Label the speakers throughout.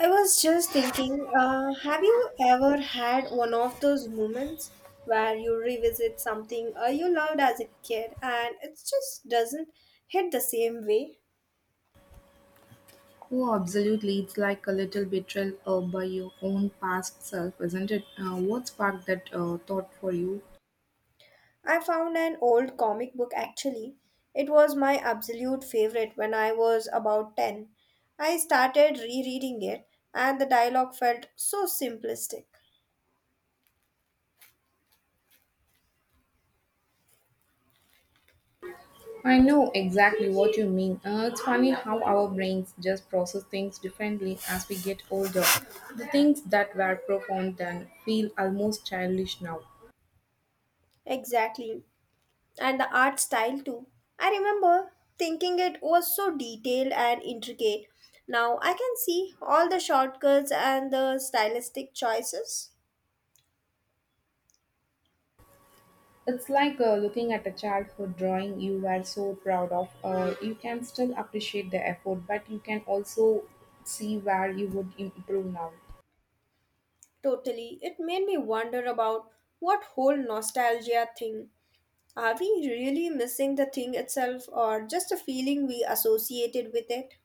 Speaker 1: I was just thinking, have you ever had one of those moments where you revisit something you loved as a kid and it just doesn't hit the same way?
Speaker 2: Oh, absolutely. It's like a little betrayal by your own past self, isn't it? What sparked that thought for you?
Speaker 1: I found an old comic book actually. It was my absolute favorite when I was about 10. I started rereading it, and the dialogue felt so simplistic.
Speaker 2: I know exactly what you mean. It's funny how our brains just process things differently as we get older. The things that were profound then feel almost childish now.
Speaker 1: Exactly. And the art style too. I remember thinking it was so detailed and intricate. Now I can see all the shortcuts and the stylistic choices.
Speaker 2: It's like looking at a childhood drawing you were so proud of. You can still appreciate the effort, but you can also see where you would improve now.
Speaker 1: Totally, it made me wonder about what whole nostalgia thing. Are we really missing the thing itself or just a feeling we associated with it?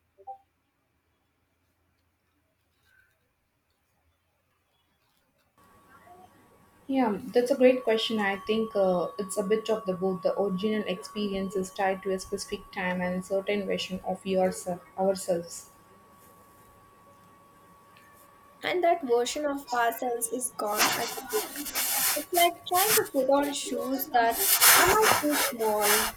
Speaker 2: Yeah, that's a great question. I think it's a bit of the both. The original experience is tied to a specific time and a certain version of yourself, ourselves.
Speaker 1: And that version of ourselves is gone, I suppose. It's like trying to put on shoes that are not too small.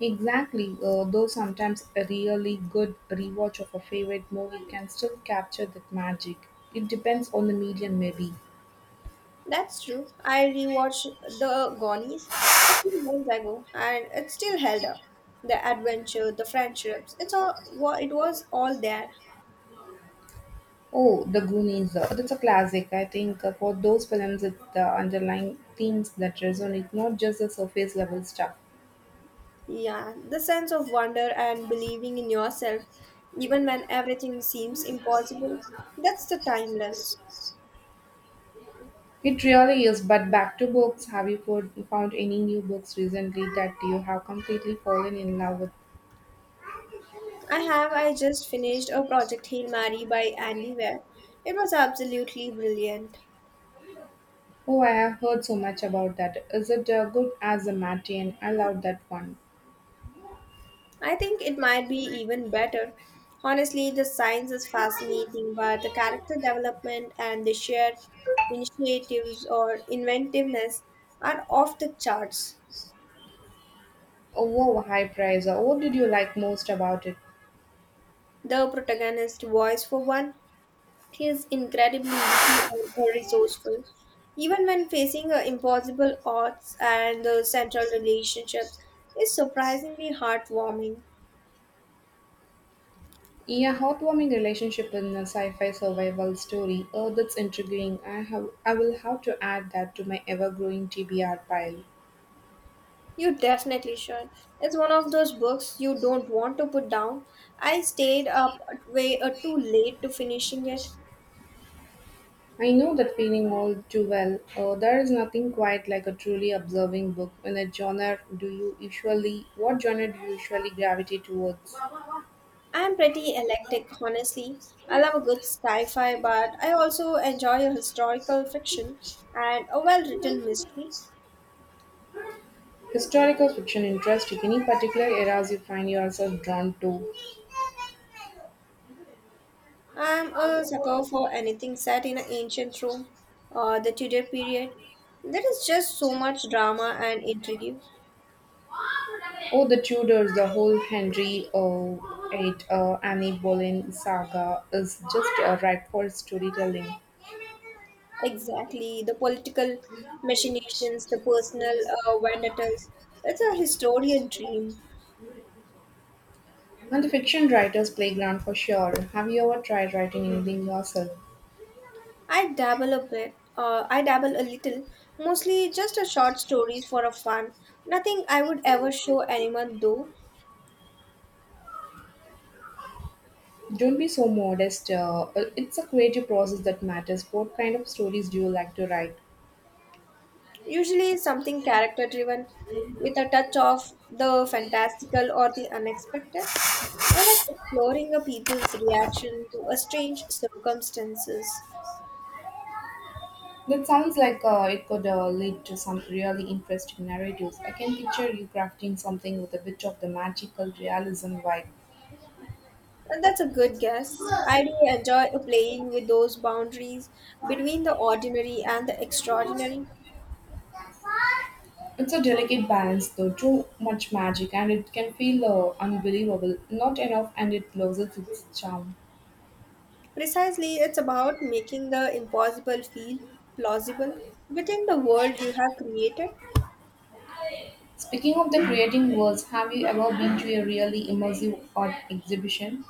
Speaker 2: Exactly. Though sometimes a really good rewatch of a favorite movie can still capture that magic. It depends on the medium, maybe.
Speaker 1: That's true. I rewatched The Goonies a few months ago, and it still held up. The adventure, the friendships, it's all it was all there.
Speaker 2: Oh, The Goonies. That's a classic. I think for those films, it's the underlying themes that resonate, not just the surface level stuff.
Speaker 1: Yeah, the sense of wonder and believing in yourself, even when everything seems impossible, that's the timeless.
Speaker 2: It really is, but back to books. Have you found any new books recently that you have completely fallen in love with?
Speaker 1: I have. I just finished a Project Hail Mary by Andy Weir. It was absolutely brilliant.
Speaker 2: Oh, I have heard so much about that. Is it good as a Martian? I love that one.
Speaker 1: I think it might be even better. Honestly, the science is fascinating, but the character development and the shared initiatives or inventiveness are off the charts.
Speaker 2: Oh, wow, high price. What did you like most about it?
Speaker 1: The protagonist's voice, for one, is incredibly witty and resourceful. Even when facing impossible odds, and the central relationships is surprisingly heartwarming.
Speaker 2: Yeah, heartwarming relationship in a sci-fi survival story. Oh, that's intriguing. I will have to add that to my ever-growing TBR pile.
Speaker 1: You definitely should. It's one of those books you don't want to put down. I stayed up way too late to finishing it.
Speaker 2: I know that feeling all too well. There is nothing quite like a truly observing book. In a genre, do you usually what genre do you usually gravitate towards?
Speaker 1: I am pretty eclectic, honestly. I love a good sci-fi, but I also enjoy a historical fiction and a well-written mystery.
Speaker 2: Historical fiction interests you, any particular eras you find yourself drawn to?
Speaker 1: I'm a sucker for anything set in an ancient Rome or the Tudor period. There is just so much drama and intrigue.
Speaker 2: Oh, the Tudors, the whole Henry VIII, Anne Boleyn saga is just ripe for storytelling.
Speaker 1: Exactly, the political machinations, the personal vendettas. It's a historian dream.
Speaker 2: And the fiction writer's playground for sure. Have you ever tried writing anything yourself?
Speaker 1: I dabble a bit. I dabble a little, mostly just a short stories for a fun. Nothing I would ever show anyone though.
Speaker 2: Don't be so modest. It's a creative process that matters. What kind of stories do you like to write?
Speaker 1: Usually something character driven, with a touch of the fantastical or the unexpected. I like exploring a people's reaction to a strange circumstances.
Speaker 2: That sounds like it could lead to some really interesting narratives. I can picture you crafting something with a bit of the magical realism vibe.
Speaker 1: And that's a good guess. I do enjoy playing with those boundaries between the ordinary and the extraordinary.
Speaker 2: It's a delicate balance though, too much magic and it can feel unbelievable, not enough and it loses its charm.
Speaker 1: Precisely, it's about making the impossible feel plausible within the world you have created.
Speaker 2: Speaking of the creating worlds, have you ever been to a really immersive art exhibition?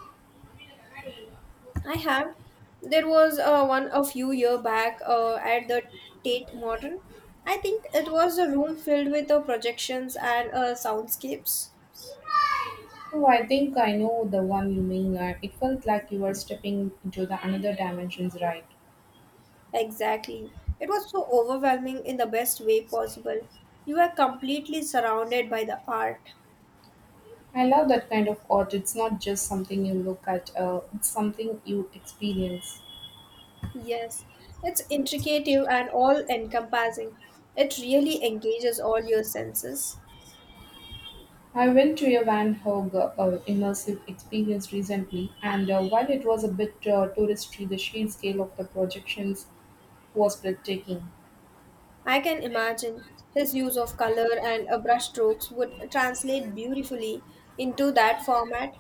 Speaker 1: I have. There was one a few year back at the Tate Modern. I think it was a room filled with projections and soundscapes.
Speaker 2: Oh, I think I know the one you mean. It felt like you were stepping into the another dimensions, right?
Speaker 1: Exactly. It was so overwhelming in the best way possible. You were completely surrounded by the art.
Speaker 2: I love that kind of art. It's not just something you look at, it's something you experience.
Speaker 1: Yes, it's intricate and all encompassing. It really engages all your senses.
Speaker 2: I went to a Van Gogh immersive experience recently, and while it was a bit touristy, the sheer scale of the projections was breathtaking.
Speaker 1: I can imagine his use of color and brush strokes would translate beautifully into that format.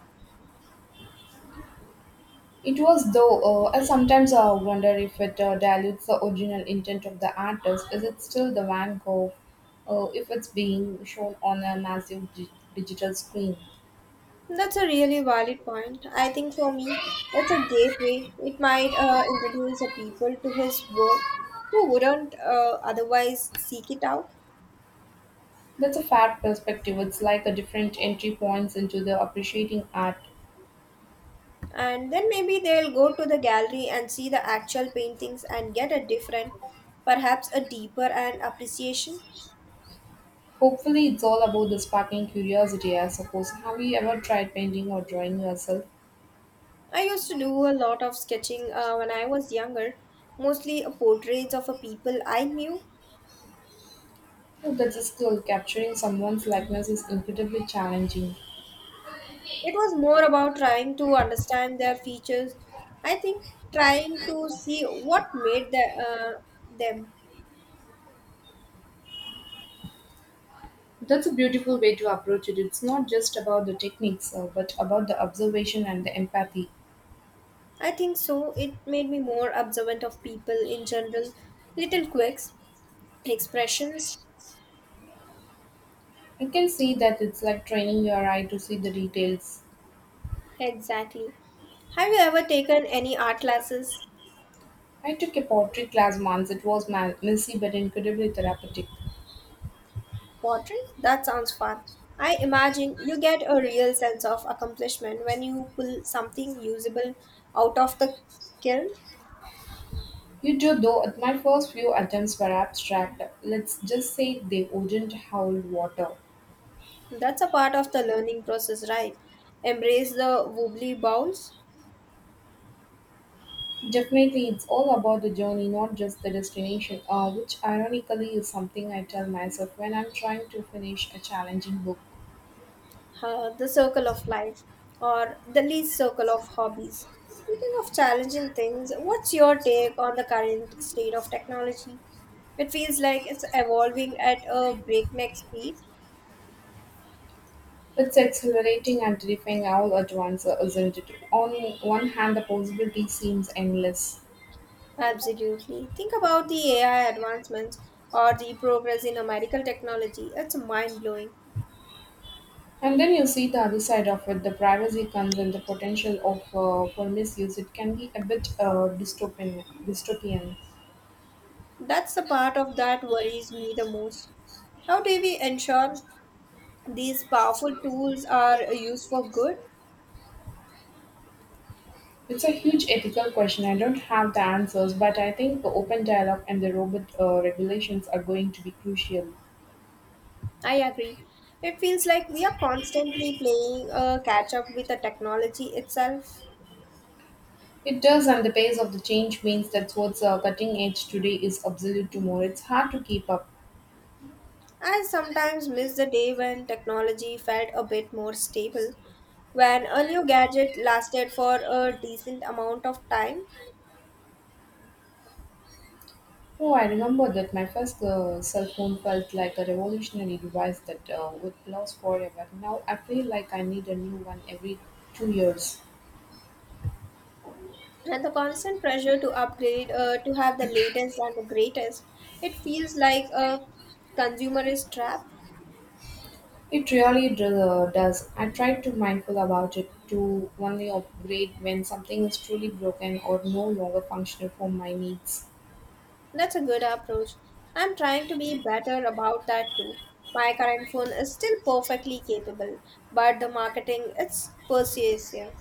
Speaker 2: It was, though, I sometimes wonder if it dilutes the original intent of the artist. Is it still the Van Gogh if it's being shown on a massive digital screen?
Speaker 1: That's a really valid point. I think for me, that's a gateway. It might introduce a people to his work who wouldn't otherwise seek it out.
Speaker 2: That's a fair perspective. It's like a different entry points into the appreciating art.
Speaker 1: And then maybe they'll go to the gallery and see the actual paintings and get a different, perhaps a deeper and appreciation.
Speaker 2: Hopefully, it's all about the sparking curiosity, I suppose. Have you ever tried painting or drawing yourself?
Speaker 1: I used to do a lot of sketching when I was younger, mostly portraits of a people I knew.
Speaker 2: Oh, that's a skill. Capturing someone's likeness is incredibly challenging.
Speaker 1: It was more about trying to understand their features. I think trying to see what made them.
Speaker 2: That's a beautiful way to approach it. It's not just about the techniques, but about the observation and the empathy.
Speaker 1: I think so. It made me more observant of people in general. Little quirks, expressions.
Speaker 2: You can see that it's like training your eye to see the details.
Speaker 1: Exactly. Have you ever taken any art classes?
Speaker 2: I took a pottery class once. It was messy but incredibly therapeutic.
Speaker 1: Pottery? That sounds fun. I imagine you get a real sense of accomplishment when you pull something usable out of the kiln.
Speaker 2: You do, though, at my first few attempts were abstract. Let's just say they wouldn't hold water.
Speaker 1: That's a part of the learning process, right? Embrace the wobbly bowls,
Speaker 2: Definitely, it's all about the journey, not just the destination, which ironically is something I tell myself when I'm trying to finish a challenging book.
Speaker 1: the circle of life, or the least circle of hobbies. Speaking of challenging things, what's your take on the current state of technology? It feels like it's evolving at a breakneck speed.
Speaker 2: It's exhilarating and terrifying all at once, isn't it? On one hand, the possibility seems endless.
Speaker 1: Absolutely. Think about the AI advancements or the progress in a medical technology. It's mind blowing.
Speaker 2: And then you see the other side of it, the privacy concern, the potential of for misuse. It can be a bit dystopian.
Speaker 1: That's the part of that worries me the most. How do we ensure these powerful tools are used for good.
Speaker 2: It's a huge ethical question. I don't have the answers, but I think the open dialogue and the robot regulations are going to be crucial.
Speaker 1: I agree. It feels like we are constantly playing a catch up with the technology itself.
Speaker 2: It does, and the pace of the change means that what's cutting edge today is obsolete tomorrow. It's hard to keep up.
Speaker 1: I sometimes miss the day when technology felt a bit more stable, when a new gadget lasted for a decent amount of time,
Speaker 2: Oh, I remember that my first cell phone felt like a revolutionary device that would last forever. Now I feel like I need a new one every 2 years.
Speaker 1: and the constant pressure to upgrade, to have the latest and the greatest. It feels like a consumerist trap.
Speaker 2: It really does. I try to mindful about it to only upgrade when something is truly broken or no longer functional for my needs.
Speaker 1: That's a good approach. I'm trying to be better about that too. My current phone is still perfectly capable, but the marketing it's persuasive.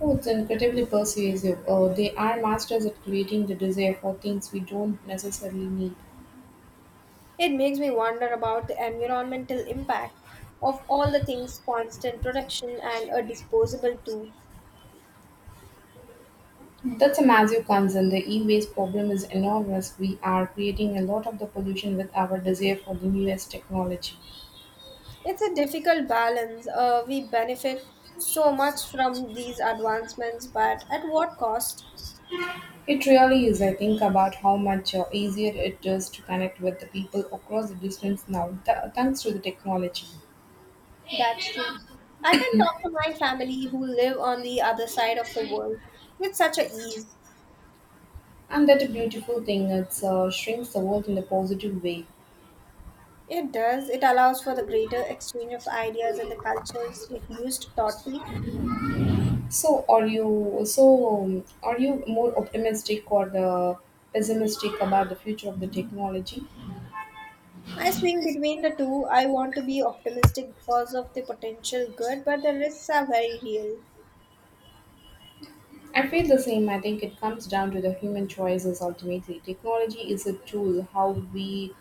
Speaker 2: Oh, it's incredibly persuasive. They are masters at creating the desire for things we don't necessarily need.
Speaker 1: It makes me wonder about the environmental impact of all the things constant production and a disposable tool.
Speaker 2: That's a massive concern. The e-waste problem is enormous. We are creating a lot of the pollution with our desire for the newest technology.
Speaker 1: It's a difficult balance. We benefit so much from these advancements, but at what cost?
Speaker 2: It really is. I think about how much easier it is to connect with the people across the distance now, thanks to the technology.
Speaker 1: That's true. I can talk to my family who live on the other side of the world with such a ease.
Speaker 2: And that a beautiful thing. It shrinks the world in a positive way.
Speaker 1: It does. It allows for the greater exchange of ideas and the cultures if used thoughtfully.
Speaker 2: So, are you more optimistic or the pessimistic about the future of the technology?
Speaker 1: I swing between the two. I want to be optimistic because of the potential good, but the risks are very real.
Speaker 2: I feel the same. I think it comes down to the human choices ultimately. Technology is a tool. How we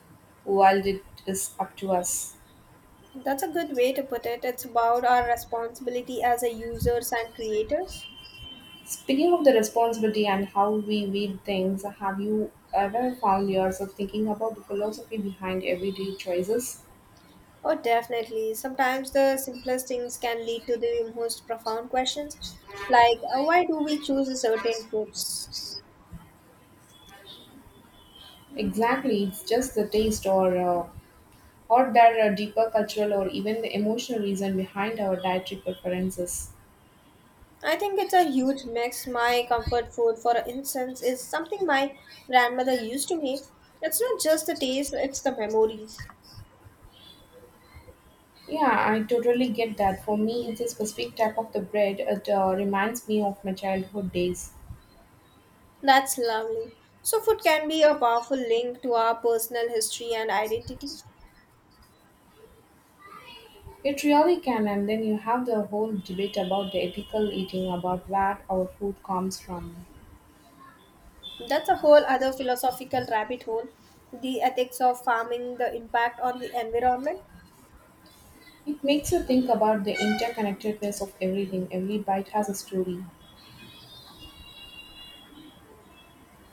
Speaker 2: wield it is up to us.
Speaker 1: That's a good way to put it. It's about our responsibility as a users and creators.
Speaker 2: Speaking of the responsibility and how we weed things, have you ever found yourself thinking about the philosophy behind everyday choices?
Speaker 1: Oh, definitely. Sometimes the simplest things can lead to the most profound questions, like why do we choose certain foods?
Speaker 2: Exactly, it's just the taste or there are deeper cultural or even the emotional reason behind our dietary preferences.
Speaker 1: I think it's a huge mix. My comfort food, for instance, is something my grandmother used to make. It's not just the taste, it's the memories.
Speaker 2: Yeah, I totally get that. For me, it's a specific type of the bread. It reminds me of my childhood days.
Speaker 1: That's lovely. So, food can be a powerful link to our personal history and identity.
Speaker 2: It really can, and then you have the whole debate about the ethical eating, about where our food comes from.
Speaker 1: That's a whole other philosophical rabbit hole. The ethics of farming, the impact on the environment.
Speaker 2: It makes you think about the interconnectedness of everything. Every bite has a story.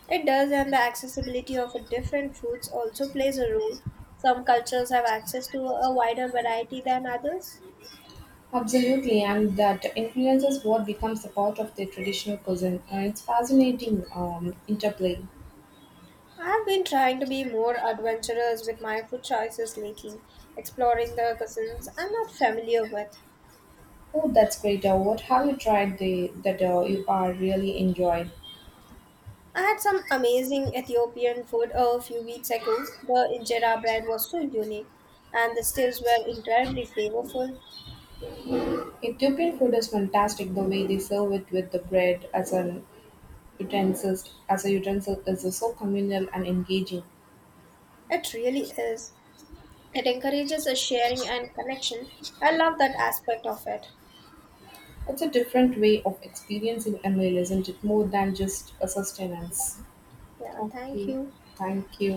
Speaker 1: It does, and the accessibility of different foods also plays a role. Some cultures have access to a wider variety than others.
Speaker 2: Absolutely, and that influences what becomes a part of the traditional cuisine. And it's fascinating interplay.
Speaker 1: I've been trying to be more adventurous with my food choices lately, exploring the cuisines I'm not familiar with.
Speaker 2: Oh, that's great. What have you that you are really enjoyed?
Speaker 1: I had some amazing Ethiopian food a few weeks ago. The injera bread was so unique, and the stews were incredibly flavorful.
Speaker 2: Ethiopian food is fantastic. The way they serve it with the bread as an utensil, as a utensil, is so communal and engaging.
Speaker 1: It really is. It encourages a sharing and connection. I love that aspect of it.
Speaker 2: It's a different way of experiencing a meal, isn't it? More than just a sustenance.
Speaker 1: Yeah, thank
Speaker 2: Okay,
Speaker 1: you.
Speaker 2: thank you.